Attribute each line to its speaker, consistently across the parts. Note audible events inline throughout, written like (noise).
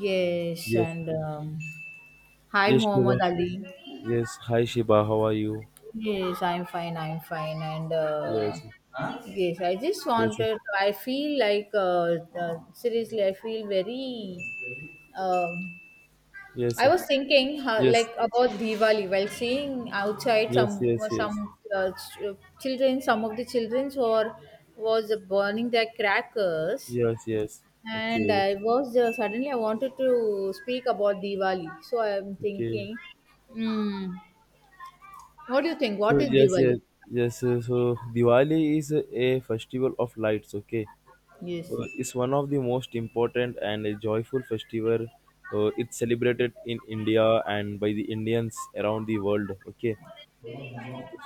Speaker 1: Yes,
Speaker 2: Yes,
Speaker 1: and hi,
Speaker 2: yes,
Speaker 1: Muhammad
Speaker 2: Shiva.
Speaker 1: Ali.
Speaker 2: Yes, hi Shiva, how are you?
Speaker 1: Yes, I'm fine. I'm fine. And
Speaker 2: Yes,
Speaker 1: yes, I just
Speaker 2: yes,
Speaker 1: wanted. I feel like seriously, I feel very. Um,
Speaker 2: yes,
Speaker 1: I
Speaker 2: yes,
Speaker 1: was thinking how,
Speaker 2: yes,
Speaker 1: like about Diwali while seeing outside
Speaker 2: yes,
Speaker 1: some some
Speaker 2: yes,
Speaker 1: uh, ch- children, some of the childrens were was burning their crackers.
Speaker 2: yes, yes.
Speaker 1: And
Speaker 2: Okay,
Speaker 1: I was suddenly I wanted to speak about Diwali. So I'm
Speaker 2: okay.
Speaker 1: thinking, mm, what do you think?
Speaker 2: So
Speaker 1: What is
Speaker 2: yes, yes,
Speaker 1: Diwali?
Speaker 2: yes. So Diwali is a festival of lights. Okay,
Speaker 1: Yes,
Speaker 2: It's one of the most important and a joyful festival. It's celebrated in India and by the Indians around the world. Okay,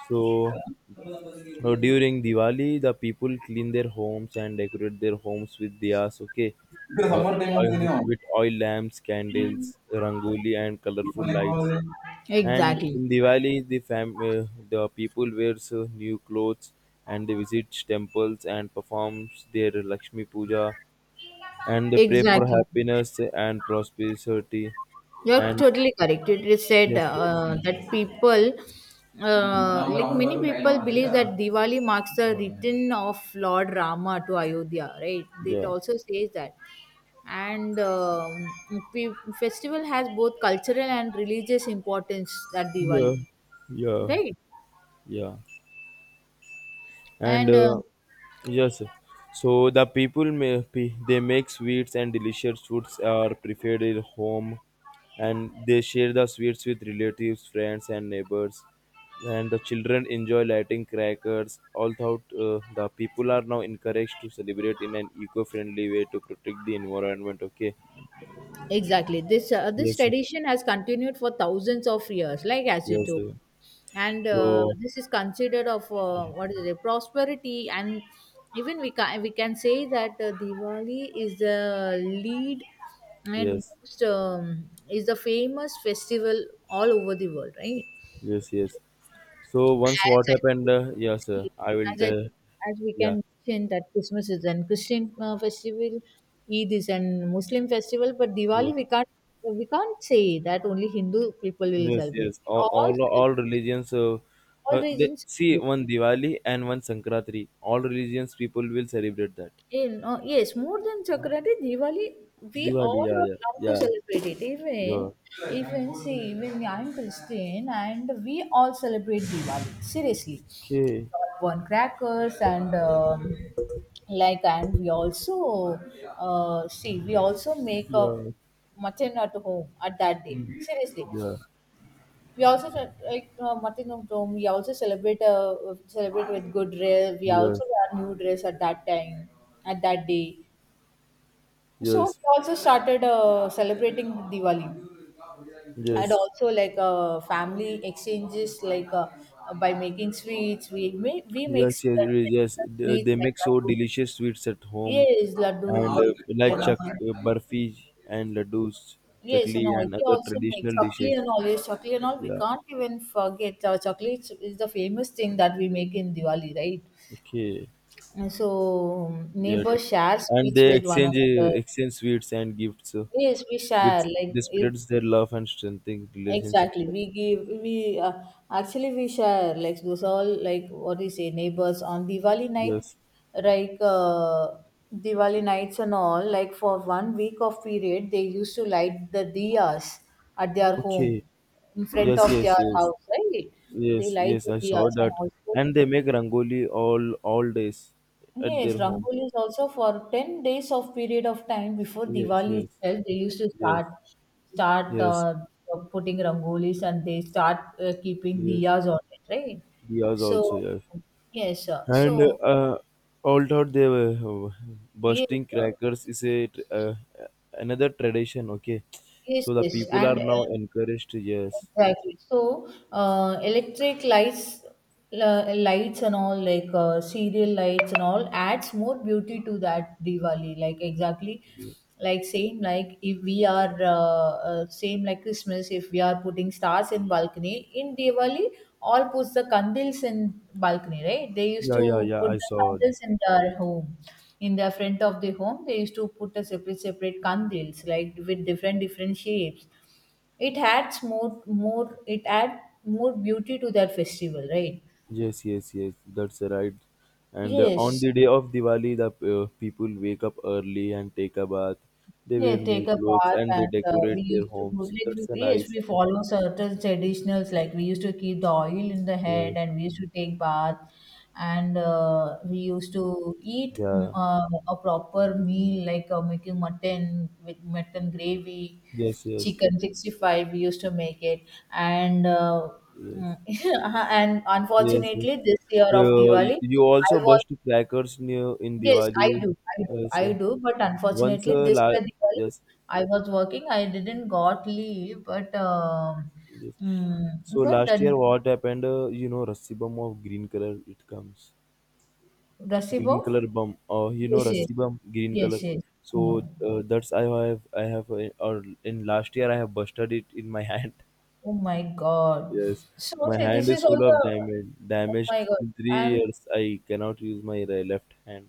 Speaker 2: so during Diwali, the people clean their homes and decorate their homes with diyas, okay,
Speaker 1: ಇದು
Speaker 2: uh,
Speaker 1: summer time ಹೊಂದಿದ್ದೀನಿ,
Speaker 2: with oil lamps, candles, rangoli, and colorful lights. And
Speaker 1: exactly,
Speaker 2: in Diwali, the people wears new clothes and they visit temples and performs their Lakshmi Puja and they pray for
Speaker 1: exactly.
Speaker 2: happiness and prosperity.
Speaker 1: You're
Speaker 2: And
Speaker 1: totally correct. It is said
Speaker 2: yes, yes,
Speaker 1: that people, like many people, believe that Diwali marks the return of Lord Rama to Ayodhya, right? It
Speaker 2: yeah,
Speaker 1: also says that. and um, pe- Festival has both cultural and religious importance at Diwali,
Speaker 2: yeah, yeah,
Speaker 1: right?
Speaker 2: yeah. and
Speaker 1: And
Speaker 2: uh, yes so they make sweets and delicious foods are prepared at home, and they share the sweets with relatives, friends and neighbors, and the children enjoy lighting crackers, although the people are now encouraged to celebrate in an eco-friendly way to protect the environment. Okay,
Speaker 1: exactly, this this
Speaker 2: yes,
Speaker 1: tradition has continued for thousands of years, like as you
Speaker 2: yes,
Speaker 1: do, and
Speaker 2: so
Speaker 1: this is considered of what is it, prosperity. And even we can say that Diwali is the lead and
Speaker 2: yes
Speaker 1: most is the famous festival all over the world, right?
Speaker 2: yes yes
Speaker 1: As
Speaker 2: so once what
Speaker 1: I
Speaker 2: happened
Speaker 1: told,
Speaker 2: yes sir
Speaker 1: see,
Speaker 2: I will
Speaker 1: as I, as we can
Speaker 2: yeah
Speaker 1: mention that Christmas is an Christian festival, Eid is an Muslim festival, but
Speaker 2: yeah
Speaker 1: Diwali we can't, we can't say that only Hindu people will
Speaker 2: Yes,
Speaker 1: celebrate.
Speaker 2: yes.
Speaker 1: We all celebrate,
Speaker 2: All religions.
Speaker 1: all regions.
Speaker 2: See, one Diwali and one Sankranti. All religions people will celebrate that.
Speaker 1: In yes, more than Sankranti, Diwali, we
Speaker 2: Diwali,
Speaker 1: all
Speaker 2: yeah,
Speaker 1: are
Speaker 2: yeah,
Speaker 1: allowed to
Speaker 2: yeah,
Speaker 1: celebrate it.
Speaker 2: yeah.
Speaker 1: Even, even see, even I'm Christian and we all celebrate Diwali. Seriously, we
Speaker 2: Okay,
Speaker 1: all burn crackers and and we also see, we also make a
Speaker 2: yeah,
Speaker 1: mutton at home at that day. Seriously,
Speaker 2: yeah,
Speaker 1: we also mutton at home. We also celebrate with good dress. We
Speaker 2: yes,
Speaker 1: also wear new dress at that time, at that day. So
Speaker 2: yes,
Speaker 1: we also started celebrating Diwali and
Speaker 2: yes,
Speaker 1: also like family exchanges like by making sweets. We make
Speaker 2: yes, yes.
Speaker 1: traditional sweets
Speaker 2: They
Speaker 1: like
Speaker 2: make so
Speaker 1: laddu.
Speaker 2: delicious sweets at home,
Speaker 1: Yes, laddu,
Speaker 2: and
Speaker 1: burfi,
Speaker 2: like chak
Speaker 1: and
Speaker 2: barfi and laddus,
Speaker 1: yes,
Speaker 2: chakli
Speaker 1: and all.
Speaker 2: and
Speaker 1: We
Speaker 2: other
Speaker 1: also make
Speaker 2: traditional dishes.
Speaker 1: chakli and all. Yes, chakli and all. We
Speaker 2: Yeah.
Speaker 1: can't even forget. Chakli is the famous thing that we make in Diwali, right?
Speaker 2: Okay.
Speaker 1: And so
Speaker 2: Yet,
Speaker 1: neighbors share
Speaker 2: and
Speaker 1: sweets
Speaker 2: they
Speaker 1: with one
Speaker 2: exchange
Speaker 1: another.
Speaker 2: sweets and gifts,
Speaker 1: Yes, we
Speaker 2: which
Speaker 1: share. Like
Speaker 2: they
Speaker 1: if,
Speaker 2: spreads their love and strengthening relationships.
Speaker 1: exactly. We give we Actually we share like those all, like what do you say, neighbors on Diwali night,
Speaker 2: Yes.
Speaker 1: like Diwali nights and all. Like for 1 week of period, they used to light the diyas at their home,
Speaker 2: Okay.
Speaker 1: in front
Speaker 2: Yes.
Speaker 1: of
Speaker 2: Yes.
Speaker 1: their
Speaker 2: Yes.
Speaker 1: house, right? They
Speaker 2: Yes.
Speaker 1: light
Speaker 2: Yes.
Speaker 1: the
Speaker 2: I saw
Speaker 1: diyas and
Speaker 2: that,
Speaker 1: also,
Speaker 2: and they make rangoli all days at
Speaker 1: yes,
Speaker 2: their home.
Speaker 1: Rangoli is also for 10 days of period of time before
Speaker 2: Yes.
Speaker 1: Diwali
Speaker 2: Yes.
Speaker 1: itself. They used to
Speaker 2: Yes.
Speaker 1: start, start
Speaker 2: Yes.
Speaker 1: putting Rangolis and they start keeping
Speaker 2: Yes.
Speaker 1: diyas on it, right?
Speaker 2: Diyas also.
Speaker 1: So,
Speaker 2: Yes.
Speaker 1: yes,
Speaker 2: And
Speaker 1: so
Speaker 2: Although they were
Speaker 1: yes,
Speaker 2: bursting
Speaker 1: uh,
Speaker 2: crackers is a another tradition. Okay,
Speaker 1: yes,
Speaker 2: so the
Speaker 1: yes,
Speaker 2: people
Speaker 1: and
Speaker 2: are now encouraged. Yes,
Speaker 1: exactly. So, electric lights, la- lights and all, like serial lights and all, adds more beauty to that Diwali. Like exactly, like same, like if we are same like Christmas, if we are putting stars in balcony in Diwali, all puts the candles in balcony, right? They used
Speaker 2: yeah, yeah,
Speaker 1: to
Speaker 2: yeah.
Speaker 1: put
Speaker 2: I
Speaker 1: the
Speaker 2: saw. It.
Speaker 1: candles in their home. In the front of the home, they used to put a separate candles, like with different shapes. It adds more it adds more beauty to that festival, right?
Speaker 2: Yes, yes, yes. That's right. And On
Speaker 1: Yes,
Speaker 2: the day of Diwali, the people wake up early and take a bath. They
Speaker 1: yeah,
Speaker 2: wear new
Speaker 1: take a
Speaker 2: clothes
Speaker 1: bath
Speaker 2: and they
Speaker 1: and we
Speaker 2: decorate their
Speaker 1: used to
Speaker 2: homes.
Speaker 1: like,
Speaker 2: That's a
Speaker 1: we, yes,
Speaker 2: nice.
Speaker 1: we follow certain traditionals, like we used to keep the oil in the head
Speaker 2: Yes.
Speaker 1: and we used to take bath. And we used to eat
Speaker 2: Yeah.
Speaker 1: a proper meal, like making mutton with mutton gravy,
Speaker 2: Yes. Yes.
Speaker 1: chicken 65 we used to make it. and uh,
Speaker 2: Yes.
Speaker 1: mm, (laughs) and
Speaker 2: Yes, yes.
Speaker 1: unfortunately this year of
Speaker 2: So
Speaker 1: Diwali,
Speaker 2: you also
Speaker 1: I was,
Speaker 2: burst crackers in, in
Speaker 1: yes, I
Speaker 2: Diwali.
Speaker 1: do. I do.
Speaker 2: Yes,
Speaker 1: I
Speaker 2: sir.
Speaker 1: do. But
Speaker 2: once,
Speaker 1: unfortunately,
Speaker 2: uh,
Speaker 1: this
Speaker 2: la-
Speaker 1: year Diwali,
Speaker 2: yes,
Speaker 1: I was working. I didn't got leave,
Speaker 2: yes. So
Speaker 1: but
Speaker 2: last year,
Speaker 1: the
Speaker 2: what happened? You know, Rassi Bum of green color. It comes
Speaker 1: Rasibo,
Speaker 2: green color bum. You know,
Speaker 1: yes, yes,
Speaker 2: Rassi Bum, green
Speaker 1: yes,
Speaker 2: color.
Speaker 1: yes. I
Speaker 2: So
Speaker 1: know.
Speaker 2: that's I have or in last year I have busted it in my (laughs) hand.
Speaker 1: Oh my God.
Speaker 2: Yes,
Speaker 1: So
Speaker 2: my
Speaker 1: say this
Speaker 2: hand is
Speaker 1: is
Speaker 2: full
Speaker 1: all
Speaker 2: of
Speaker 1: the.
Speaker 2: damage.
Speaker 1: Oh
Speaker 2: Damaged
Speaker 1: my God.
Speaker 2: in three
Speaker 1: And
Speaker 2: years. I cannot use my left hand.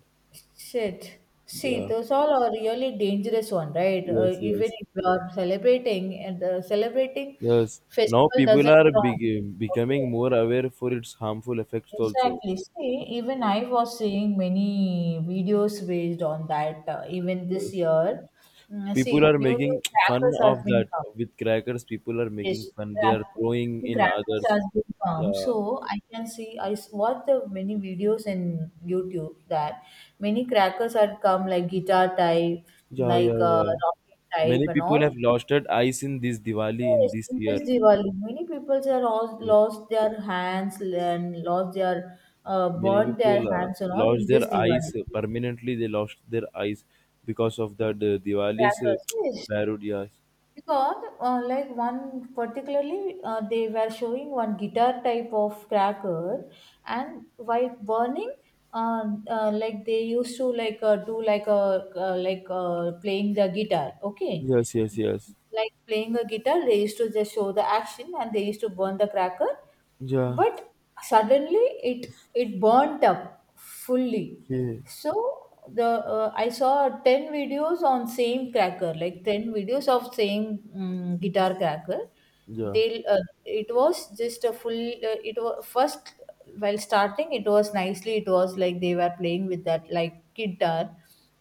Speaker 1: shit. See,
Speaker 2: Yeah.
Speaker 1: those all are really dangerous one, right?
Speaker 2: Yes.
Speaker 1: Even
Speaker 2: Yes.
Speaker 1: if you are celebrating
Speaker 2: Yes, now
Speaker 1: festival
Speaker 2: people
Speaker 1: doesn't
Speaker 2: are
Speaker 1: wrong.
Speaker 2: becoming
Speaker 1: Okay.
Speaker 2: more aware for its harmful effects also.
Speaker 1: Exactly. See, even I was seeing many videos based on that. Even this
Speaker 2: Yes,
Speaker 1: year,
Speaker 2: people
Speaker 1: see,
Speaker 2: are
Speaker 1: new
Speaker 2: making (tsk) fun
Speaker 1: crackers
Speaker 2: of
Speaker 1: has been
Speaker 2: that
Speaker 1: come.
Speaker 2: with crackers. People are
Speaker 1: Yes,
Speaker 2: making fun. They
Speaker 1: crack,
Speaker 2: are throwing
Speaker 1: new
Speaker 2: in
Speaker 1: crackers
Speaker 2: others.
Speaker 1: has been come.
Speaker 2: Yeah,
Speaker 1: So I can see. I s- watched the many videos in YouTube that many crackers had come like guitar type,
Speaker 2: yeah,
Speaker 1: like
Speaker 2: yeah, yeah.
Speaker 1: rocket type,
Speaker 2: Many
Speaker 1: and
Speaker 2: people have
Speaker 1: all.
Speaker 2: lost their eyes in this Diwali in
Speaker 1: Yes,
Speaker 2: this
Speaker 1: in
Speaker 2: year.
Speaker 1: this Diwali, many people are lost,
Speaker 2: Yes.
Speaker 1: lost their hands and lost their
Speaker 2: Many
Speaker 1: burned their
Speaker 2: people
Speaker 1: hands and all
Speaker 2: lost
Speaker 1: in
Speaker 2: their
Speaker 1: this
Speaker 2: eyes
Speaker 1: Diwali.
Speaker 2: permanently. They lost their eyes because of that Diwali's
Speaker 1: Crackers,
Speaker 2: (tsk)
Speaker 1: yes.
Speaker 2: barud. Yes,
Speaker 1: Because like one particularly, they were showing one guitar type of cracker, and while burning, uh, like they used to like do like a like playing the guitar. Okay,
Speaker 2: yes, yes, yes.
Speaker 1: like playing a guitar, they used to just show the action and they used to burn the cracker,
Speaker 2: Yeah,
Speaker 1: but suddenly it, it burnt up fully.
Speaker 2: yeah,
Speaker 1: So the, I saw 10 videos on same cracker, like 10 videos of same guitar cracker.
Speaker 2: yeah.
Speaker 1: They It was just a full, it was first, while starting it was nicely, it was like they were playing with that like guitar.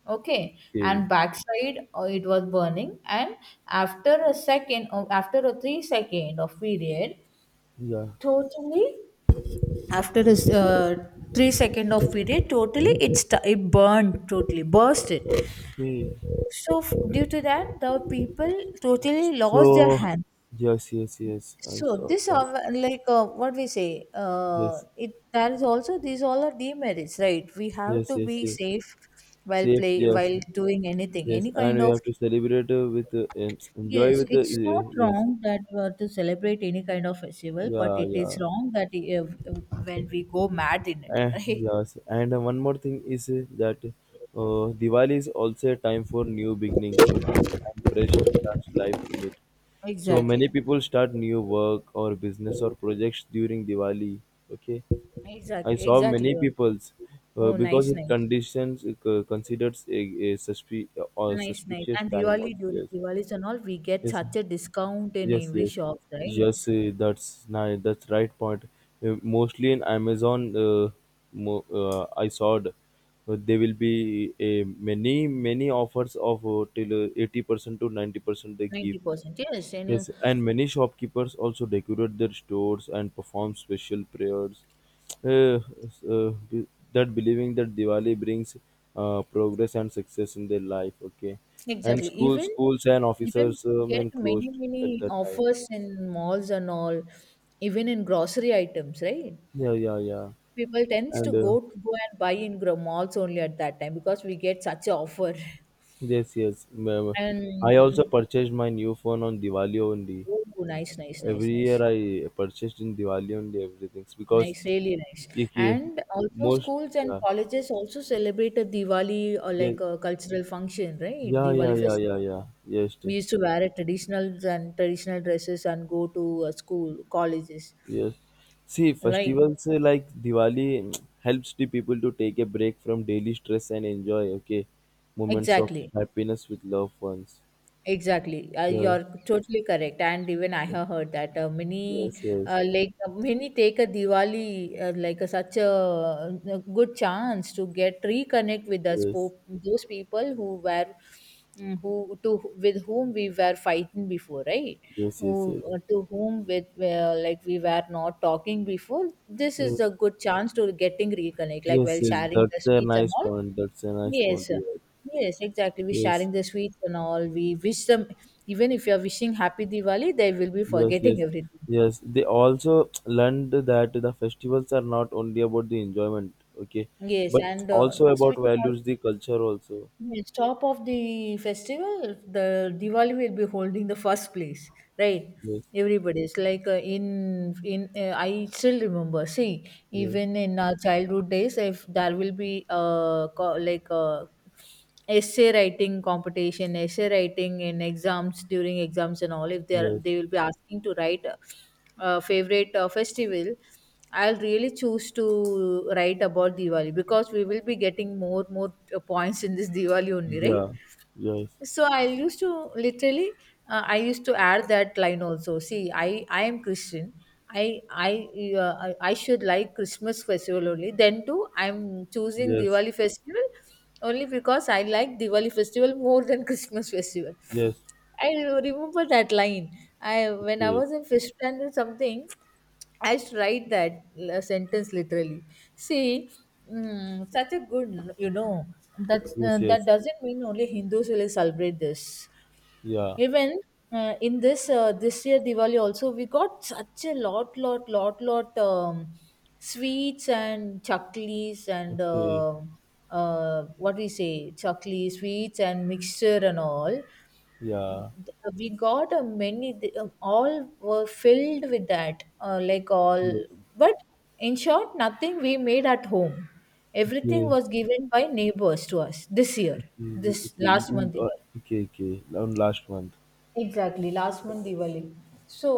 Speaker 1: Okay,
Speaker 2: Okay,
Speaker 1: and backside it was burning, and after a second, after a 3 second of period
Speaker 2: yeah,
Speaker 1: totally. After this 3 second of period totally, it's t- it burned totally, burst it.
Speaker 2: okay.
Speaker 1: So f- due to that, the people totally lost their
Speaker 2: So,
Speaker 1: hands.
Speaker 2: yes, yes, yes, I
Speaker 1: So
Speaker 2: saw
Speaker 1: this
Speaker 2: that.
Speaker 1: are like what we say,
Speaker 2: Yes,
Speaker 1: it, that is also, these all are demerits, right? We have
Speaker 2: yes,
Speaker 1: to
Speaker 2: yes,
Speaker 1: be
Speaker 2: yes.
Speaker 1: safe while
Speaker 2: Safe,
Speaker 1: play,
Speaker 2: yes,
Speaker 1: while doing anything,
Speaker 2: yes,
Speaker 1: any
Speaker 2: and
Speaker 1: kind
Speaker 2: we
Speaker 1: of.
Speaker 2: have to celebrate with enjoy
Speaker 1: Yes,
Speaker 2: with the
Speaker 1: it's not
Speaker 2: yes,
Speaker 1: wrong that to celebrate any kind of festival, but
Speaker 2: yeah,
Speaker 1: it is
Speaker 2: yeah,
Speaker 1: wrong that when we go mad in it
Speaker 2: eh,
Speaker 1: (laughs) right?
Speaker 2: yes. And One more thing is that Diwali is also a time for new beginnings, okay, and fresh starts life in it. So many
Speaker 1: Exactly,
Speaker 2: people start new work or business or projects during Diwali. Okay, I
Speaker 1: exactly,
Speaker 2: saw
Speaker 1: exactly.
Speaker 2: many
Speaker 1: Oh,
Speaker 2: people's
Speaker 1: oh,
Speaker 2: because
Speaker 1: nice,
Speaker 2: it
Speaker 1: nice.
Speaker 2: conditions it, considers a suspe- or
Speaker 1: Nice, nice.
Speaker 2: suspicious
Speaker 1: And
Speaker 2: time of
Speaker 1: Diwali, during
Speaker 2: years.
Speaker 1: Diwalis and all, we get
Speaker 2: Yes,
Speaker 1: such a discount in
Speaker 2: yes,
Speaker 1: every
Speaker 2: yes,
Speaker 1: shops, right?
Speaker 2: yes, that's nice, that's right point. Mostly in Amazon, I saw it, there will be a many offers of till 80% to 90% they give.
Speaker 1: 90%. Yes, and
Speaker 2: Yes, and many shopkeepers also decorate their stores and perform special prayers, uh, uh, be- that believing that Diwali brings progress and success in their life. Okay, and
Speaker 1: exactly.
Speaker 2: schools,
Speaker 1: Even,
Speaker 2: schools and
Speaker 1: even
Speaker 2: officers
Speaker 1: we get
Speaker 2: remain closed
Speaker 1: many,
Speaker 2: at
Speaker 1: many
Speaker 2: that time.
Speaker 1: offers in malls and all, even in grocery items, right?
Speaker 2: Yeah, yeah, yeah.
Speaker 1: People tends to
Speaker 2: And
Speaker 1: go and buy in gro- malls only at that time because we get such a offer. (laughs)
Speaker 2: Yes, yes. Ma'am.
Speaker 1: And
Speaker 2: I
Speaker 1: mm,
Speaker 2: also purchased my new phone on Diwali only.
Speaker 1: oh, nice, nice, nice,
Speaker 2: Every year
Speaker 1: nice.
Speaker 2: I purchased in Diwali only everything because
Speaker 1: Nice, really nice.
Speaker 2: it,
Speaker 1: And also
Speaker 2: most
Speaker 1: schools and
Speaker 2: yeah,
Speaker 1: colleges also celebrated Diwali or
Speaker 2: yeah,
Speaker 1: like a cultural function, right?
Speaker 2: yeah, yeah,
Speaker 1: Diwali
Speaker 2: yeah,
Speaker 1: festival.
Speaker 2: yeah, yeah. Yes,
Speaker 1: We used to wear a traditional dresses and go to school, colleges.
Speaker 2: yes. See,
Speaker 1: Right.
Speaker 2: festivals like Diwali (tsk) helps the people to take a break from daily stress and enjoy, okay, moments of
Speaker 1: Exactly.
Speaker 2: happiness with loved ones.
Speaker 1: Exactly.
Speaker 2: Yeah,
Speaker 1: You're totally correct. And even I have heard that many,
Speaker 2: yes, yes,
Speaker 1: like many take a Diwali like a, such a, good chance to get reconnect with us
Speaker 2: yes,
Speaker 1: po- those people who were, who to with whom we were fighting before, right?
Speaker 2: yes, yes,
Speaker 1: Who
Speaker 2: yes.
Speaker 1: to whom with like we were not talking before. This is
Speaker 2: Yes,
Speaker 1: a good chance to getting reconnect, like
Speaker 2: yes,
Speaker 1: while
Speaker 2: yes.
Speaker 1: sharing the
Speaker 2: That's a
Speaker 1: sweets and
Speaker 2: nice
Speaker 1: all.
Speaker 2: point. That's a nice point.
Speaker 1: Yes, sir,
Speaker 2: Yeah.
Speaker 1: yes, exactly. We're
Speaker 2: Yes,
Speaker 1: sharing the sweets and all. We wish them, even if you're wishing happy Diwali, they will be
Speaker 2: yes, yes,
Speaker 1: forgetting everything.
Speaker 2: yes. They also (tsk) learned that the festivals are not only about the enjoyment, okay,
Speaker 1: Yes,
Speaker 2: but
Speaker 1: and
Speaker 2: also
Speaker 1: yes,
Speaker 2: about
Speaker 1: we can also,
Speaker 2: values, the culture also.
Speaker 1: yes, top of the festival, the Diwali will be holding the first place, right?
Speaker 2: Yes,
Speaker 1: Everybody's like in I still remember. See,
Speaker 2: yes,
Speaker 1: even in our childhood days, if there will be essay writing competition, essay writing in exams, during exams and all, if they are,
Speaker 2: yes,
Speaker 1: they will be asking to write a favorite festival, I'll really choose to write about Diwali because we will be getting more points in this (laughs) Diwali only, right?
Speaker 2: yeah, yes,
Speaker 1: So I used to literally I used to add that line also. See, I am Christian, i i I I should like Christmas festival, only then too I'm choosing
Speaker 2: yes,
Speaker 1: Diwali festival only because I like Diwali festival more than (laughs) Christmas festival.
Speaker 2: yes,
Speaker 1: I remember that line, I, when I
Speaker 2: okay,
Speaker 1: was in fifth standard, something I should write that l- sentence literally. See, such a good, that
Speaker 2: yes,
Speaker 1: that
Speaker 2: yes,
Speaker 1: doesn't mean only Hindus will celebrate this.
Speaker 2: yeah,
Speaker 1: Even in this this year Diwali also, we got such a lot sweets and chaklis and
Speaker 2: okay,
Speaker 1: what we say, chakli, sweets and mixture and all.
Speaker 2: yeah,
Speaker 1: We got a many all were filled with that like all,
Speaker 2: yes,
Speaker 1: but in short, nothing we made at home. Everything
Speaker 2: okay,
Speaker 1: was given by neighbors to us this year,
Speaker 2: okay,
Speaker 1: this
Speaker 2: okay,
Speaker 1: last
Speaker 2: mm,
Speaker 1: month Diwali.
Speaker 2: okay, okay, and last one.
Speaker 1: Exactly, last month Diwali. so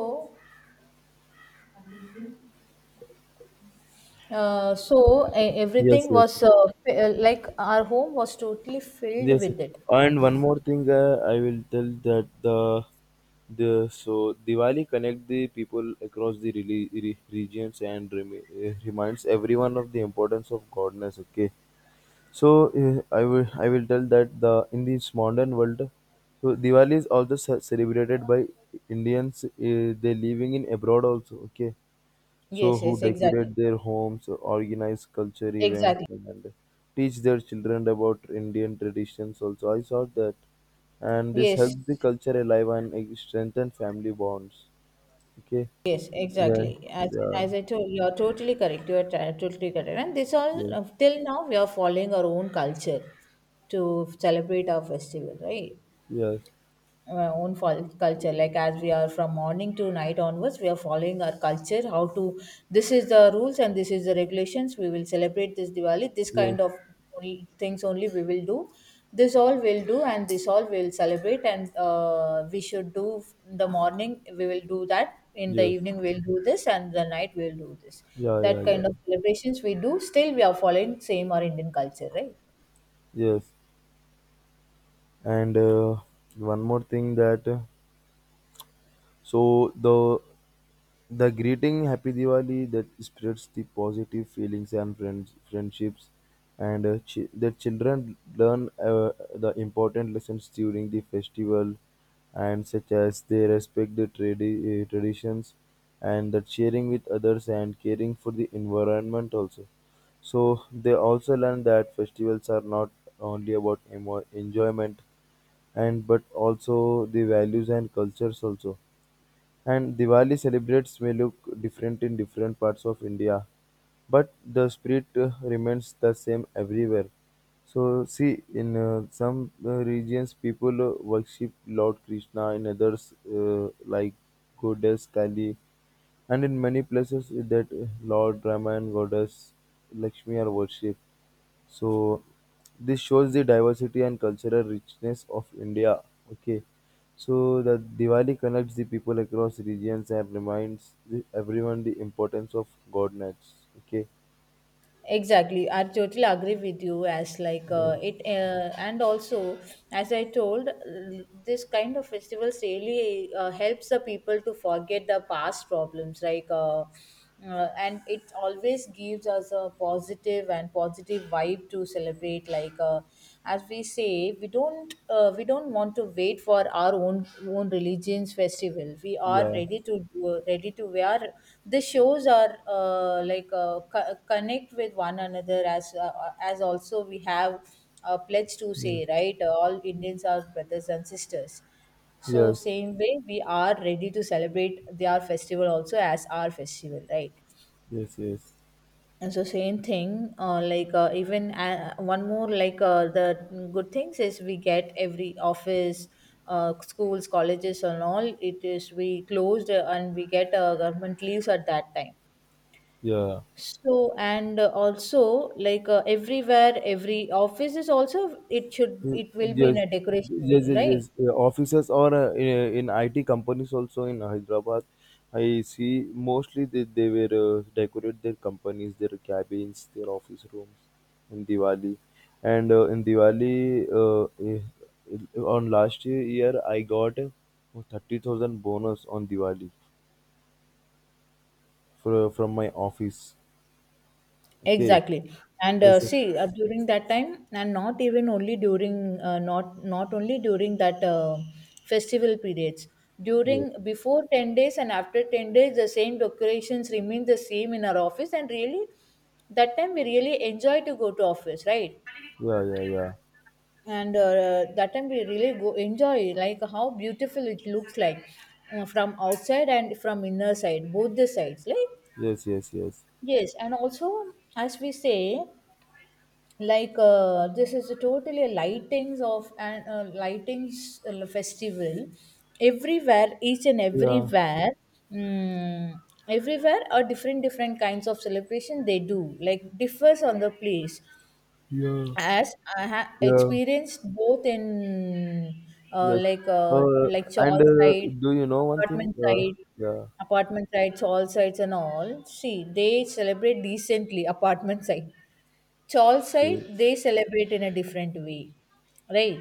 Speaker 1: uh, so e-
Speaker 2: Yes,
Speaker 1: everything
Speaker 2: yes,
Speaker 1: was like our home was totally filled
Speaker 2: yes.
Speaker 1: with it.
Speaker 2: And one more thing, I will tell that the so Diwali connect the people across the regions and reminds everyone of the importance of godness. Okay, so eh, I will tell that the in this modern world, so Diwali is also celebrated by Indians. They living in abroad also. Okay, so
Speaker 1: Yes,
Speaker 2: who
Speaker 1: yes, exactly,
Speaker 2: decorate their homes, organize culture events,
Speaker 1: exactly,
Speaker 2: and teach their children about Indian traditions. Also, I saw that, and this
Speaker 1: yes.
Speaker 2: helps the culture alive and eh, strengthen family bonds. Okay,
Speaker 1: Yes,
Speaker 2: yeah,
Speaker 1: exactly.
Speaker 2: yeah,
Speaker 1: As I told, you're totally correct. You're t- totally correct. And this all
Speaker 2: yeah,
Speaker 1: till now we are following our own culture to celebrate our festival, right?
Speaker 2: yes,
Speaker 1: Our own culture, like as we are from morning to night onwards, we are following our culture how to, this is the rules and this is the regulations. We will celebrate this Diwali, this
Speaker 2: yes,
Speaker 1: kind of only things only we will do, this all will do and this all will celebrate. And we should do in the morning we will do that, in the
Speaker 2: yes,
Speaker 1: evening we'll do this, and the night we'll do this.
Speaker 2: yeah, yeah,
Speaker 1: That
Speaker 2: yeah,
Speaker 1: kind of celebrations we do. Still we are following same our Indian culture, right?
Speaker 2: yes. And One more thing that so the greeting Happy Diwali that spreads the positive feelings and friendships, and the children learn the important lessons during the festival, and such as they respect the traditions, and that sharing with others and caring for the environment also. So they also learn that festivals are not only about enjoyment and but also the values and cultures also. And Diwali celebrates may look different in different parts of India, but the spirit remains the same everywhere. So see, in some regions people worship Lord Krishna, in others like goddess Kali, and in many places that Lord Rama and goddess Lakshmi are worshipped. So this shows the diversity and cultural richness of India. Okay. So the Diwali connects the people across regions and reminds the, everyone the importance of godness. Okay.
Speaker 1: Exactly, I totally agree with you. As like
Speaker 2: Yeah.
Speaker 1: it and also, as I told this kind of festivals really helps the people to forget the past problems, like and it always gives us a positive and positive vibe to celebrate. Like as we say, we don't want to wait for our own religion's festival. We are
Speaker 2: Yeah.
Speaker 1: ready to do, ready to, we are the shows are like connect with one another. As as also we have a pledge to
Speaker 2: Yes.
Speaker 1: say, right, all Indians are brothers and sisters, so
Speaker 2: Yes.
Speaker 1: same way we are ready to celebrate their festival also as our festival, right?
Speaker 2: Yes. Yes.
Speaker 1: And so same thing, like even one more, like the good things is we get every office, schools, colleges, and all. It is we closed and we get government leaves at that time.
Speaker 2: Yeah.
Speaker 1: So and also, like everywhere, every office is also, it should, it will be
Speaker 2: Yes,
Speaker 1: in
Speaker 2: yes,
Speaker 1: a decoration way,
Speaker 2: yes,
Speaker 1: right?
Speaker 2: yes. Offices or in in IT companies also in Hyderabad, I see mostly they were decorate their companies, their cabins, their office rooms in Diwali, and in Diwali eh, eh, on last year, I got a 30,000 bonus on Diwali for, from my office. Okay,
Speaker 1: Exactly. And
Speaker 2: yes, yes.
Speaker 1: see, during that time, and not even only during, not only during that festival periods.
Speaker 2: Yeah,
Speaker 1: During before 10 days and after 10 days, the same decorations remain the same in our office. And really, that time we really enjoy to go to office, right?
Speaker 2: yeah, yeah, yeah.
Speaker 1: And that time we really go enjoy, like how beautiful it looks like from outside and from inner side, both the sides, like.
Speaker 2: Yes, yes, yes,
Speaker 1: Yes, and also, as we say, like this is a totally a lightings of an lightings festival everywhere, each and
Speaker 2: yeah,
Speaker 1: everywhere. mm, Everywhere are different different kinds of celebration they do, like differs on the place,
Speaker 2: yeah,
Speaker 1: as I have
Speaker 2: yeah.
Speaker 1: experienced both in
Speaker 2: Yes. Uh,
Speaker 1: like
Speaker 2: and
Speaker 1: chawl side,
Speaker 2: Do you know one thing?
Speaker 1: apartment side.
Speaker 2: Yeah.
Speaker 1: Apartment sites, all sides and all, see they celebrate decently apartment side. Chol side,
Speaker 2: Yes.
Speaker 1: they celebrate in a different way, right?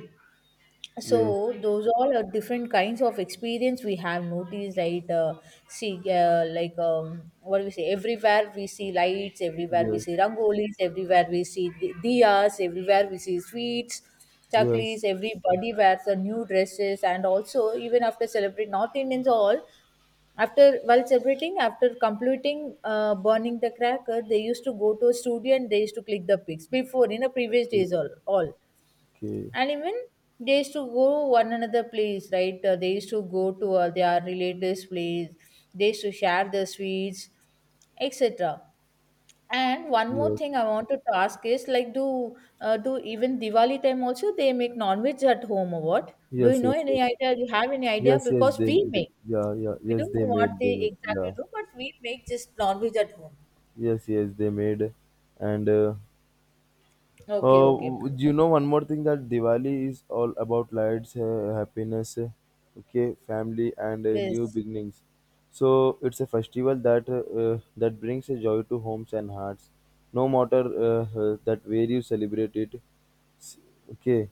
Speaker 1: So
Speaker 2: Yes.
Speaker 1: those all are different kinds of experience we have noticed, right? See, like what do we say? Everywhere we see lights, everywhere we see rangolis, everywhere we see diyas, everywhere we see sweets,
Speaker 2: Yes.
Speaker 1: chaklis.
Speaker 2: Yes.
Speaker 1: Everybody wears the new dresses, and also even after celebrate North Indians all. After while celebrating, after completing burning the cracker, they used to go to a studio and they used to click the pics before, in the previous days all,
Speaker 2: Okay.
Speaker 1: and even they used to go one another place, right. They used to go to their relatives' place. They used to share the sweets, etc. And one more
Speaker 2: Yes.
Speaker 1: thing I want to ask is, like, do do even Diwali time also they make non-veg at home or what? Do you
Speaker 2: Yes.
Speaker 1: know
Speaker 2: Yes.
Speaker 1: any
Speaker 2: Yes.
Speaker 1: idea? Do you have any idea?
Speaker 2: Yes. Yes.
Speaker 1: Because we
Speaker 2: They.
Speaker 1: make.
Speaker 2: Yeah. Yeah.
Speaker 1: We
Speaker 2: Yes.
Speaker 1: don't
Speaker 2: They
Speaker 1: know what
Speaker 2: made. They
Speaker 1: they
Speaker 2: made. Yeah.
Speaker 1: exactly do, but we make just non-veg at home.
Speaker 2: Yes. Yes. They made. And uh,
Speaker 1: Okay, okay.
Speaker 2: You know one more thing that Diwali is all about lights, happiness, okay, family, and new
Speaker 1: Yes,
Speaker 2: beginnings. So it's a festival that that brings a joy to homes and hearts. No matter that where you celebrate it, okay.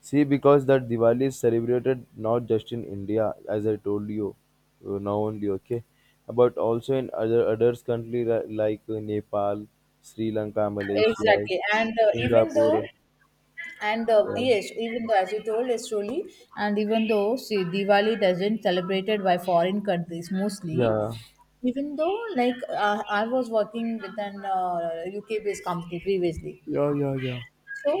Speaker 2: See, because that Diwali is celebrated not just in India, as I told you, now only okay, but also in other others country like Nepal, Sri Lanka, Malaysia,
Speaker 1: exactly. And even though,
Speaker 2: Singapore.
Speaker 1: and
Speaker 2: Yeah.
Speaker 1: yes, even though, as you told us truly, and even though, see, Diwali doesn't celebrated by foreign countries mostly,
Speaker 2: Yeah.
Speaker 1: even though, like I was working with an UK-based company previously.
Speaker 2: Yeah, yeah, yeah.
Speaker 1: So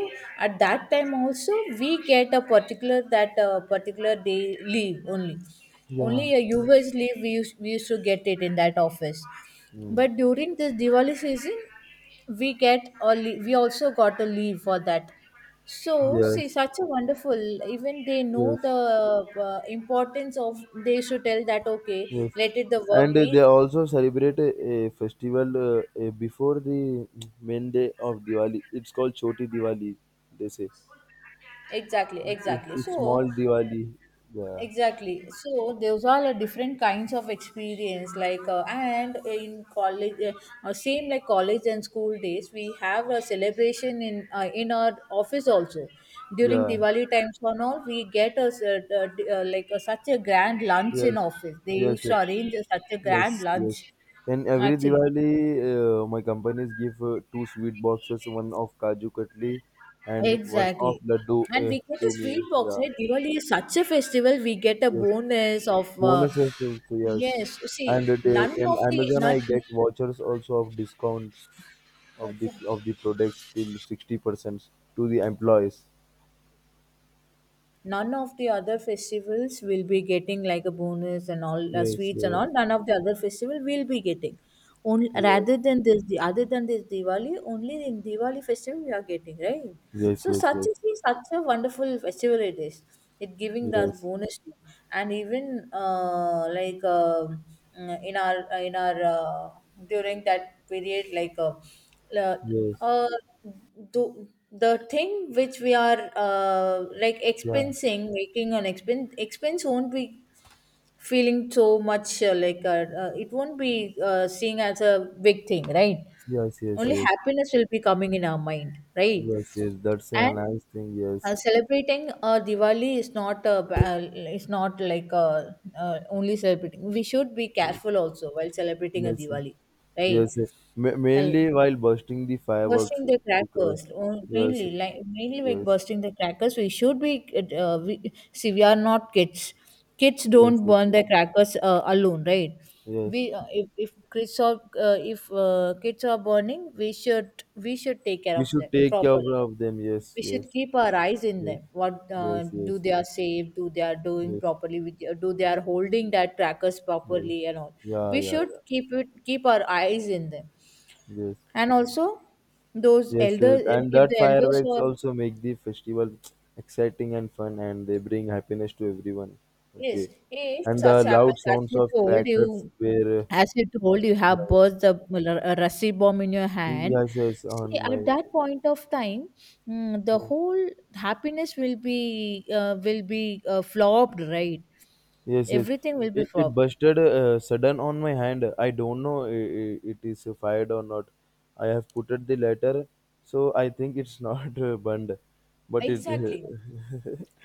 Speaker 1: at that time also we get a particular that particular day leave only.
Speaker 2: Yeah.
Speaker 1: Only a US leave we used to get it in that office.
Speaker 2: Mm.
Speaker 1: But during this Diwali season, we get a we also got a leave for that. So see,
Speaker 2: Yes.
Speaker 1: such a wonderful. Even they know
Speaker 2: Yes.
Speaker 1: the importance of. They should tell that, okay,
Speaker 2: Yes.
Speaker 1: let it the work
Speaker 2: And
Speaker 1: be
Speaker 2: they also celebrate a festival before the main day of Diwali. It's called Choti Diwali. They say
Speaker 1: exactly exactly.
Speaker 2: it's small
Speaker 1: So
Speaker 2: Diwali. Yeah.
Speaker 1: exactly. So those are the different kinds of experience. Like and in college, same like college and school days, we have a celebration in our office also. During
Speaker 2: Yeah.
Speaker 1: Diwali times and all, we get a, like a, such a grand lunch
Speaker 2: Yes.
Speaker 1: in office. They
Speaker 2: Yes.
Speaker 1: used
Speaker 2: Uh,
Speaker 1: to arrange a, such a grand
Speaker 2: yes.
Speaker 1: lunch,
Speaker 2: Yes. And every
Speaker 1: actually.
Speaker 2: Diwali, my companies give two sweet boxes, one of Kaju Katli and one of
Speaker 1: Exactly.
Speaker 2: Laddu
Speaker 1: And we get a
Speaker 2: to
Speaker 1: sweet
Speaker 2: me.
Speaker 1: box,
Speaker 2: Yeah.
Speaker 1: right? Diwali is such a festival. We get a
Speaker 2: Yes,
Speaker 1: bonus of
Speaker 2: bonuses also, yes.
Speaker 1: yes. See,
Speaker 2: And the,
Speaker 1: none
Speaker 2: in
Speaker 1: of the
Speaker 2: Amazon,
Speaker 1: not
Speaker 2: I get vouchers also of discounts of the products till 60% to the employees.
Speaker 1: None of the other festivals will be getting like a bonus and all
Speaker 2: Yes,
Speaker 1: sweets and
Speaker 2: yes,
Speaker 1: all. None of the other festival will be getting. Only
Speaker 2: yes,
Speaker 1: rather than this, the other than this Diwali, only in Diwali festival we are getting, right.
Speaker 2: yes,
Speaker 1: So
Speaker 2: yes,
Speaker 1: such
Speaker 2: yes,
Speaker 1: is such a wonderful festival it is. It giving us
Speaker 2: yes,
Speaker 1: bonus, and even like in our in our during that period, like
Speaker 2: yes,
Speaker 1: uh, do the thing which we are like
Speaker 2: yeah,
Speaker 1: expensing, making an expense, expense won't be feeling so much like it won't be seen as a big thing, right?
Speaker 2: yes, yes,
Speaker 1: Only
Speaker 2: yes,
Speaker 1: happiness will be coming in our mind, right?
Speaker 2: yes, yes. That's a
Speaker 1: And
Speaker 2: nice thing. Yes,
Speaker 1: celebrating Diwali is not a, is not like only celebrating. We should be careful also while celebrating a
Speaker 2: yes,
Speaker 1: Diwali, right?
Speaker 2: yes, yes.
Speaker 1: Well,
Speaker 2: Mainly while bursting the fireworks
Speaker 1: bursting the
Speaker 2: because
Speaker 1: crackers,
Speaker 2: yes,
Speaker 1: mainly like
Speaker 2: yes,
Speaker 1: bursting the crackers. We should be see we are not kids. Kids
Speaker 2: yes,
Speaker 1: don't
Speaker 2: yes,
Speaker 1: burn the crackers alone, right?
Speaker 2: yes.
Speaker 1: We if kids are burning, we should take care
Speaker 2: We
Speaker 1: of
Speaker 2: should
Speaker 1: them
Speaker 2: take care
Speaker 1: properly.
Speaker 2: of them. Yes,
Speaker 1: We
Speaker 2: yes,
Speaker 1: should keep our eyes in
Speaker 2: yes,
Speaker 1: them. What
Speaker 2: yes,
Speaker 1: do
Speaker 2: yes,
Speaker 1: they
Speaker 2: yes,
Speaker 1: are safe? Do they are doing
Speaker 2: yes,
Speaker 1: properly? With, do they are
Speaker 2: yes,
Speaker 1: holding that crackers
Speaker 2: yes.
Speaker 1: properly and all?
Speaker 2: Yeah,
Speaker 1: We
Speaker 2: yeah,
Speaker 1: should
Speaker 2: yeah.
Speaker 1: keep it, keep our eyes in them,
Speaker 2: Yes,
Speaker 1: and also, those
Speaker 2: yes, yes.
Speaker 1: elders,
Speaker 2: And
Speaker 1: if
Speaker 2: that
Speaker 1: the elders
Speaker 2: fireworks
Speaker 1: were,
Speaker 2: also make the festival (tsk) exciting and fun, and they bring happiness to everyone.
Speaker 1: yes,
Speaker 2: Okay,
Speaker 1: if
Speaker 2: and the
Speaker 1: such
Speaker 2: loud
Speaker 1: happens, as
Speaker 2: sounds
Speaker 1: you
Speaker 2: of
Speaker 1: told,
Speaker 2: crackers
Speaker 1: you,
Speaker 2: were
Speaker 1: as you told, you have
Speaker 2: yeah,
Speaker 1: burst the a Rasi bomb in your hand.
Speaker 2: yes, yes,
Speaker 1: See,
Speaker 2: on my
Speaker 1: at that point of time, the whole happiness will be flopped, right?
Speaker 2: yes, yes.
Speaker 1: Everything will be
Speaker 2: It
Speaker 1: flopped.
Speaker 2: busted sudden on my hand. I don't know it is fired or not. I have put it the letter, so I think it's (laughs) not burned. But it,
Speaker 1: Exactly.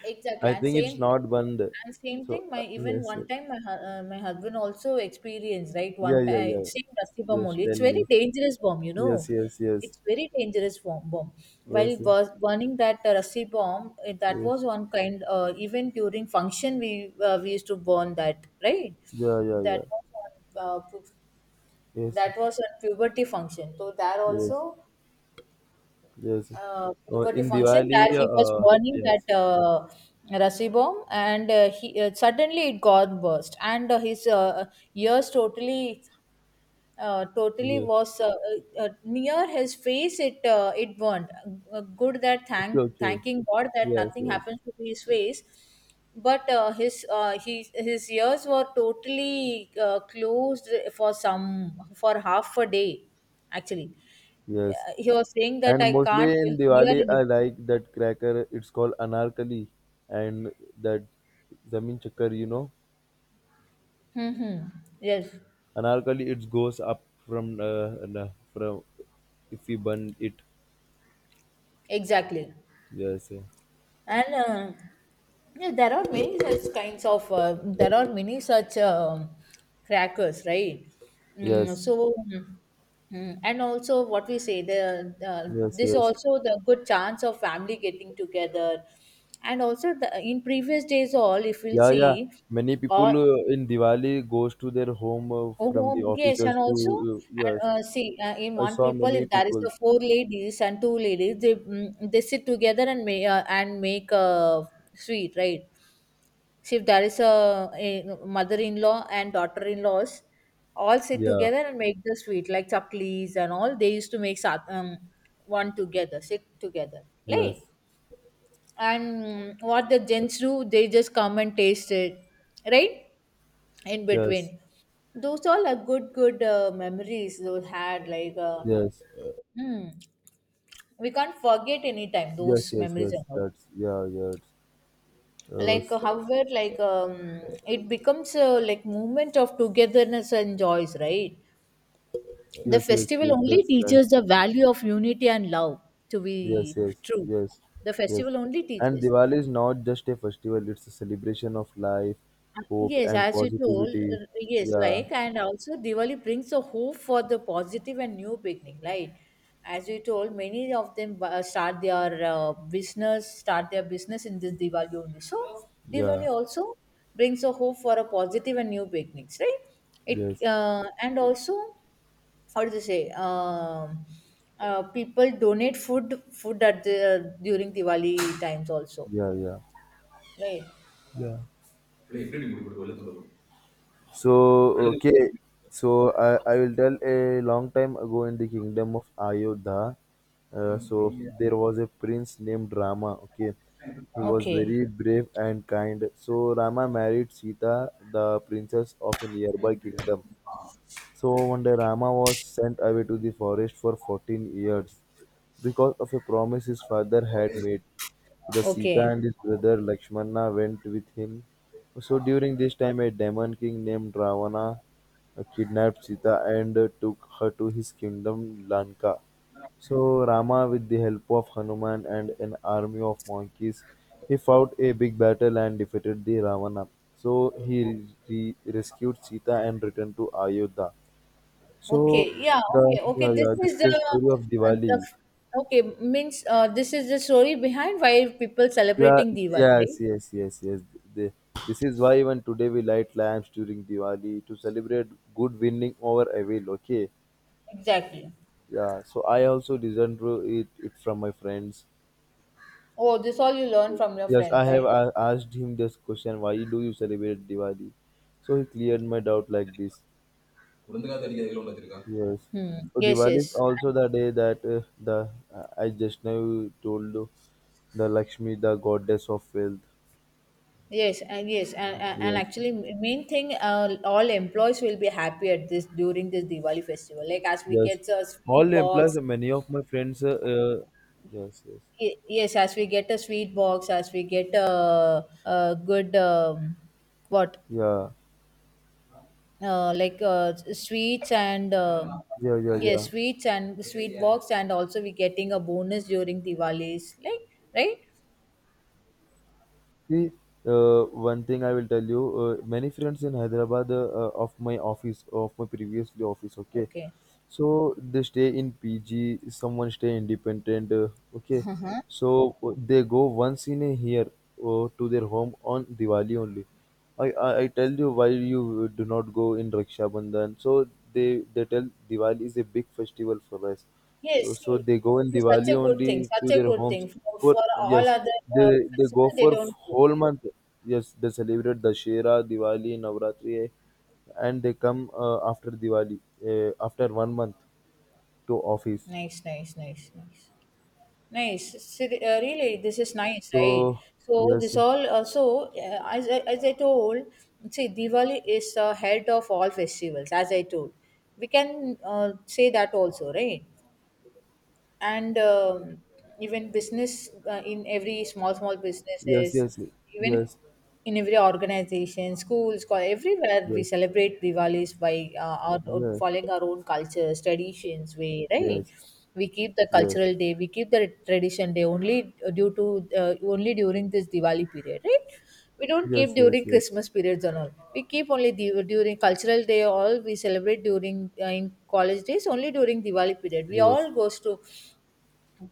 Speaker 2: (laughs)
Speaker 1: Exactly,
Speaker 2: I
Speaker 1: and
Speaker 2: think
Speaker 1: same
Speaker 2: it's
Speaker 1: thing,
Speaker 2: not burned.
Speaker 1: and same
Speaker 2: So
Speaker 1: thing. My even
Speaker 2: yes, yes.
Speaker 1: one time, my my husband also experienced, right,
Speaker 2: Yeah,
Speaker 1: one
Speaker 2: yeah,
Speaker 1: time,
Speaker 2: yeah.
Speaker 1: same dusty bomb
Speaker 2: Yes,
Speaker 1: only.
Speaker 2: tell
Speaker 1: It's very
Speaker 2: me.
Speaker 1: dangerous bomb, you know.
Speaker 2: Yes, yes, yes,
Speaker 1: It's very dangerous bomb. While
Speaker 2: yes,
Speaker 1: was burning that rusty bomb, that
Speaker 2: yes.
Speaker 1: was one kind. Even during function, we used to burn that, right?
Speaker 2: Yeah, yeah, yeah.
Speaker 1: That was on,
Speaker 2: Yes,
Speaker 1: that was on puberty function. So there
Speaker 2: yes,
Speaker 1: also
Speaker 2: yes. Oh,
Speaker 1: poverty
Speaker 2: in
Speaker 1: function
Speaker 2: Diwali,
Speaker 1: that he was burning
Speaker 2: yes,
Speaker 1: that Rasi bomb, and he suddenly it got burst, and his ears totally totally
Speaker 2: yes.
Speaker 1: was near his face it it burned. Good that
Speaker 2: Okay, okay.
Speaker 1: thanking god that
Speaker 2: Yes,
Speaker 1: nothing
Speaker 2: yes.
Speaker 1: happens to his face, but his he, his ears were totally closed for some, for half a day, actually.
Speaker 2: Yes,
Speaker 1: He was saying that
Speaker 2: and
Speaker 1: I can't
Speaker 2: mostly in
Speaker 1: hear
Speaker 2: Diwali, I
Speaker 1: anything.
Speaker 2: like that cracker. It's called anarkali, and that zamin chakkar.
Speaker 1: hmm hmm. Yes,
Speaker 2: Anarkali. It goes up from from if we burn it.
Speaker 1: exactly.
Speaker 2: Yes, yeah.
Speaker 1: And yeah, there are many such kinds of there are many such crackers, right?
Speaker 2: Yes,
Speaker 1: So, and also what we say, the
Speaker 2: yes,
Speaker 1: this
Speaker 2: yes.
Speaker 1: also the good chance of family getting together, and also the, in previous days all, if we'll
Speaker 2: Yeah, yeah.
Speaker 1: see,
Speaker 2: Many people
Speaker 1: or
Speaker 2: in Diwali goes to their home from the
Speaker 1: oh, yes,
Speaker 2: offices
Speaker 1: and also,
Speaker 2: to
Speaker 1: and,
Speaker 2: yes.
Speaker 1: see in
Speaker 2: I
Speaker 1: one
Speaker 2: saw
Speaker 1: people
Speaker 2: many
Speaker 1: if there is
Speaker 2: people.
Speaker 1: the four ladies and two ladies, they they sit together and may, and make a sweet, right. See, if there is a mother-in-law and daughter-in-laws, all sit
Speaker 2: Yeah,
Speaker 1: together and make the sweet, like chaklis and all. They used to make one together, sit together, right?
Speaker 2: yes,
Speaker 1: And what the gents do, they just come and taste it, right? In
Speaker 2: yes,
Speaker 1: between, those all are good, good memories. Those had, like,
Speaker 2: yes,
Speaker 1: hmm, we can't forget any time
Speaker 2: yes,
Speaker 1: those
Speaker 2: yes,
Speaker 1: memories
Speaker 2: yes.
Speaker 1: and all.
Speaker 2: That's yeah, yes. Uh,
Speaker 1: Like however, like it becomes a, like, movement of togetherness and joys, right. The
Speaker 2: yes, yes,
Speaker 1: festival
Speaker 2: yes,
Speaker 1: only
Speaker 2: that's right.
Speaker 1: teaches the value of unity and love, to
Speaker 2: Yes,
Speaker 1: be
Speaker 2: yes,
Speaker 1: true.
Speaker 2: yes,
Speaker 1: The
Speaker 2: yes.
Speaker 1: festival only
Speaker 2: And
Speaker 1: teaches.
Speaker 2: Diwali is not just a festival, it's a celebration of life, hope,
Speaker 1: Yes,
Speaker 2: and
Speaker 1: as you told,
Speaker 2: positivity.
Speaker 1: yes,
Speaker 2: Yeah,
Speaker 1: like, and also Diwali brings a hope for the positive and new beginning, right? As you told, many of them start their business, start their business in this Diwali only. So,
Speaker 2: yeah,
Speaker 1: Diwali also brings a hope for a positive and new beginnings, right? It
Speaker 2: yes,
Speaker 1: and also, how do you say people donate food at the during Diwali times also,
Speaker 2: yeah, yeah.
Speaker 1: right?
Speaker 2: Yeah.
Speaker 1: இல்லை எப்படி நீ கொடுக்குறது.
Speaker 2: So, okay, so I will tell a long time ago in the kingdom of Ayodhya. There was a prince named Rama, okay. He was
Speaker 1: Okay.
Speaker 2: very brave and kind. So, Rama married Sita, the princess of a nearby kingdom. So one day Rama was sent away to the forest for 14 years because of a promise his father had made. The Sita
Speaker 1: Okay.
Speaker 2: and his brother Lakshmana went with him. So during this time a demon king named Ravana kidnapped Sita and took her to his kingdom Lanka. So Rama, with the help of Hanuman and an army of monkeys, he fought a big battle and defeated the Ravana. So he rescued Sita and returned to Ayodhya. So
Speaker 1: Okay. Yeah.
Speaker 2: the
Speaker 1: Okay. Okay.
Speaker 2: yeah,
Speaker 1: This
Speaker 2: yeah, this is
Speaker 1: is
Speaker 2: the story of
Speaker 1: the
Speaker 2: Diwali.
Speaker 1: okay means this is the story behind why people
Speaker 2: Yeah,
Speaker 1: celebrating Diwali,
Speaker 2: yes,
Speaker 1: right?
Speaker 2: yes, yes, yes. The, this is why even today we light lamps during Diwali to celebrate good winning over evil. Okay.
Speaker 1: Exactly.
Speaker 2: Yeah. So I also listened to it from my friends.
Speaker 1: Oh, this all you learn from your
Speaker 2: Yes, I
Speaker 1: friends,
Speaker 2: have
Speaker 1: right?
Speaker 2: a asked him this question. Why do you celebrate Diwali? So he cleared my doubt like this. Yes.
Speaker 1: Hmm.
Speaker 2: So
Speaker 1: Yes.
Speaker 2: Diwali is
Speaker 1: Yes.
Speaker 2: also the day that the I just now told you, the Lakshmi, the goddess of wealth.
Speaker 1: Yes. And yes. And
Speaker 2: Yes.
Speaker 1: actually, main thing, all employees will be happy at this during this Diwali festival, like as we
Speaker 2: Yes.
Speaker 1: get sweet
Speaker 2: All employees,
Speaker 1: walks.
Speaker 2: many of my friends. Uh, yes. Yes.
Speaker 1: Yes, as we get a sweet box, as we get a good what
Speaker 2: Yeah.
Speaker 1: like sweets and
Speaker 2: Yeah. Yeah.
Speaker 1: yes,
Speaker 2: Yeah.
Speaker 1: sweets and sweet box, and also we getting a bonus during Diwali's, like, right?
Speaker 2: See, one thing I will tell you. Many friends in Hyderabad of my office, of my previously office. Okay.
Speaker 1: Okay.
Speaker 2: So they stay in pg, someone stay independent, okay.
Speaker 1: Uh-huh.
Speaker 2: So they go once in a year to their home on diwali only. I tell you, why you do not go in raksha bandhan? So they they tell diwali is a big festival for us, so
Speaker 1: Yes, see,
Speaker 2: they go in
Speaker 1: see,
Speaker 2: diwali
Speaker 1: such a good
Speaker 2: only
Speaker 1: thing,
Speaker 2: to
Speaker 1: such a
Speaker 2: their
Speaker 1: good
Speaker 2: homes
Speaker 1: thing for,
Speaker 2: for,
Speaker 1: for
Speaker 2: yes,
Speaker 1: all other
Speaker 2: they they
Speaker 1: festival
Speaker 2: go
Speaker 1: they
Speaker 2: for
Speaker 1: don't do.
Speaker 2: whole month. Yes, they celebrate dashera, diwali, navratri, and they come after Diwali, after one month to office.
Speaker 1: Nice, nice, nice, nice. Nice. Really, this is nice, right?
Speaker 2: So
Speaker 1: So
Speaker 2: yes,
Speaker 1: this all So as I told, See, Diwali is head of all festivals. As I told, we can say that also, right? and Even business in every small small
Speaker 2: yes,
Speaker 1: businesses,
Speaker 2: yes, yes,
Speaker 1: even
Speaker 2: yes,
Speaker 1: in every organization, schools, college, everywhere we
Speaker 2: yes,
Speaker 1: celebrate diwalis by
Speaker 2: yes,
Speaker 1: following our own cultures, traditions way, right?
Speaker 2: yes,
Speaker 1: We keep the cultural day, we keep the tradition day only due to only during this diwali period, right? We don't
Speaker 2: yes,
Speaker 1: keep
Speaker 2: yes,
Speaker 1: during
Speaker 2: yes,
Speaker 1: christmas periods and all. We keep only during cultural day, all we celebrate during in college days only. During diwali period, we
Speaker 2: yes.
Speaker 1: all goes to,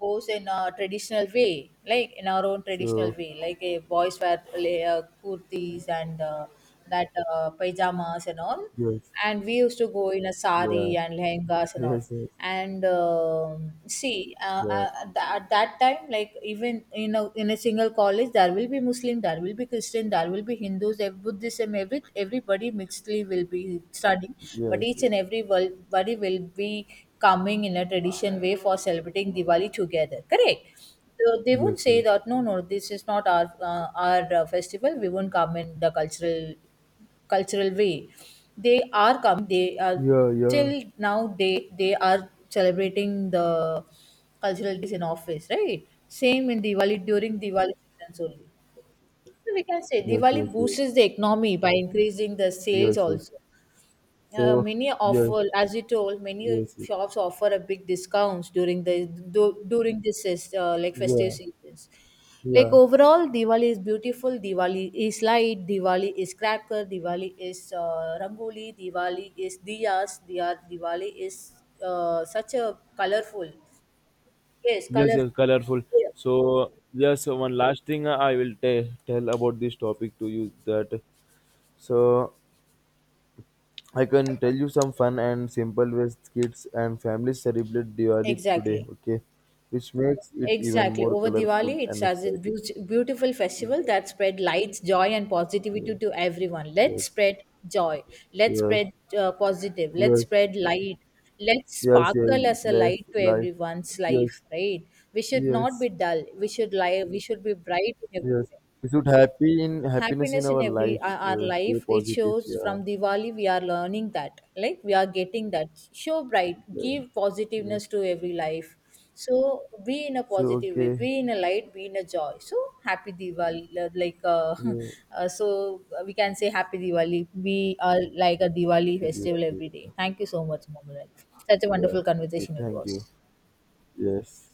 Speaker 1: goes in a traditional way, like in our own traditional
Speaker 2: So
Speaker 1: way, like a boys wear kurtis and that pajamas and all.
Speaker 2: yes,
Speaker 1: And we used to go in a
Speaker 2: yeah,
Speaker 1: sari and lehengas and all.
Speaker 2: yes, yes,
Speaker 1: And see,
Speaker 2: yeah,
Speaker 1: at that time, like even in a single college, there will be Muslim, there will be Christian, there will be Hindus, Buddhism, every everybody mixedly will be studying, but
Speaker 2: yes,
Speaker 1: each and every everybody will be coming in a tradition way for celebrating Diwali together. Correct. So they won't
Speaker 2: yes, yes,
Speaker 1: say that no, no, this is not our festival. We won't come in the cultural way. They are coming. They are
Speaker 2: yeah, yeah,
Speaker 1: till now. They are celebrating the cultural days in office, right? Same in Diwali, during Diwali seasons only. So we can say
Speaker 2: yes,
Speaker 1: Diwali
Speaker 2: yes, yes,
Speaker 1: boosts the economy by increasing the sales
Speaker 2: yes, yes.
Speaker 1: also.
Speaker 2: So
Speaker 1: Many
Speaker 2: yes,
Speaker 1: offer, as you told, many
Speaker 2: yes, yes,
Speaker 1: shops offer a big discounts during the du- during this is- like festive
Speaker 2: yeah,
Speaker 1: seasons. Like
Speaker 2: yeah.
Speaker 1: overall, Diwali is beautiful. Diwali is light. Diwali is cracker. Diwali is rangoli. Diwali is diyas. Diya, Diwali is such a colorful. Yes,
Speaker 2: Yes, yes,
Speaker 1: colorful.
Speaker 2: colorful.
Speaker 1: Yeah,
Speaker 2: So, yes, one last thing I will tell about this topic to you that so I can tell you some fun and simple ways kids and families celebrate Diwali today,
Speaker 1: exactly.
Speaker 2: okay? Which makes it even
Speaker 1: Exactly.
Speaker 2: more
Speaker 1: Over
Speaker 2: colorful
Speaker 1: Diwali, it's
Speaker 2: and
Speaker 1: as a
Speaker 2: exciting.
Speaker 1: beautiful festival that spread lights, joy, and
Speaker 2: Yes,
Speaker 1: positivity to everyone. Let's
Speaker 2: yes,
Speaker 1: spread joy. Let's
Speaker 2: yes,
Speaker 1: spread positive. Let's
Speaker 2: yes,
Speaker 1: spread light. Let's
Speaker 2: yes, yes, yes,
Speaker 1: sparkle as a
Speaker 2: life,
Speaker 1: light to
Speaker 2: life,
Speaker 1: everyone's
Speaker 2: yes,
Speaker 1: life, right? We should
Speaker 2: yes,
Speaker 1: not be dull. We should lie. We should be bright in every
Speaker 2: yes.
Speaker 1: way.
Speaker 2: We should happy in happiness in
Speaker 1: Happiness in
Speaker 2: our
Speaker 1: every
Speaker 2: lives.
Speaker 1: our
Speaker 2: Stay
Speaker 1: life. It
Speaker 2: positive,
Speaker 1: shows
Speaker 2: yeah.
Speaker 1: from diwali we are learning that, like, we are getting that, show bright,
Speaker 2: Yeah.
Speaker 1: give
Speaker 2: Yeah.
Speaker 1: positiveness to every life. So be in a
Speaker 2: So
Speaker 1: positive way,
Speaker 2: okay.
Speaker 1: be in a light, be in a joy. So happy diwali,
Speaker 2: Yeah,
Speaker 1: (laughs) so we can say happy diwali, be like a
Speaker 2: it
Speaker 1: diwali
Speaker 2: will be
Speaker 1: festival
Speaker 2: very,
Speaker 1: every day. Thank you so much, Mohammed. Such a
Speaker 2: yeah,
Speaker 1: wonderful
Speaker 2: okay,
Speaker 1: conversation it
Speaker 2: thank
Speaker 1: was.
Speaker 2: you. Yes.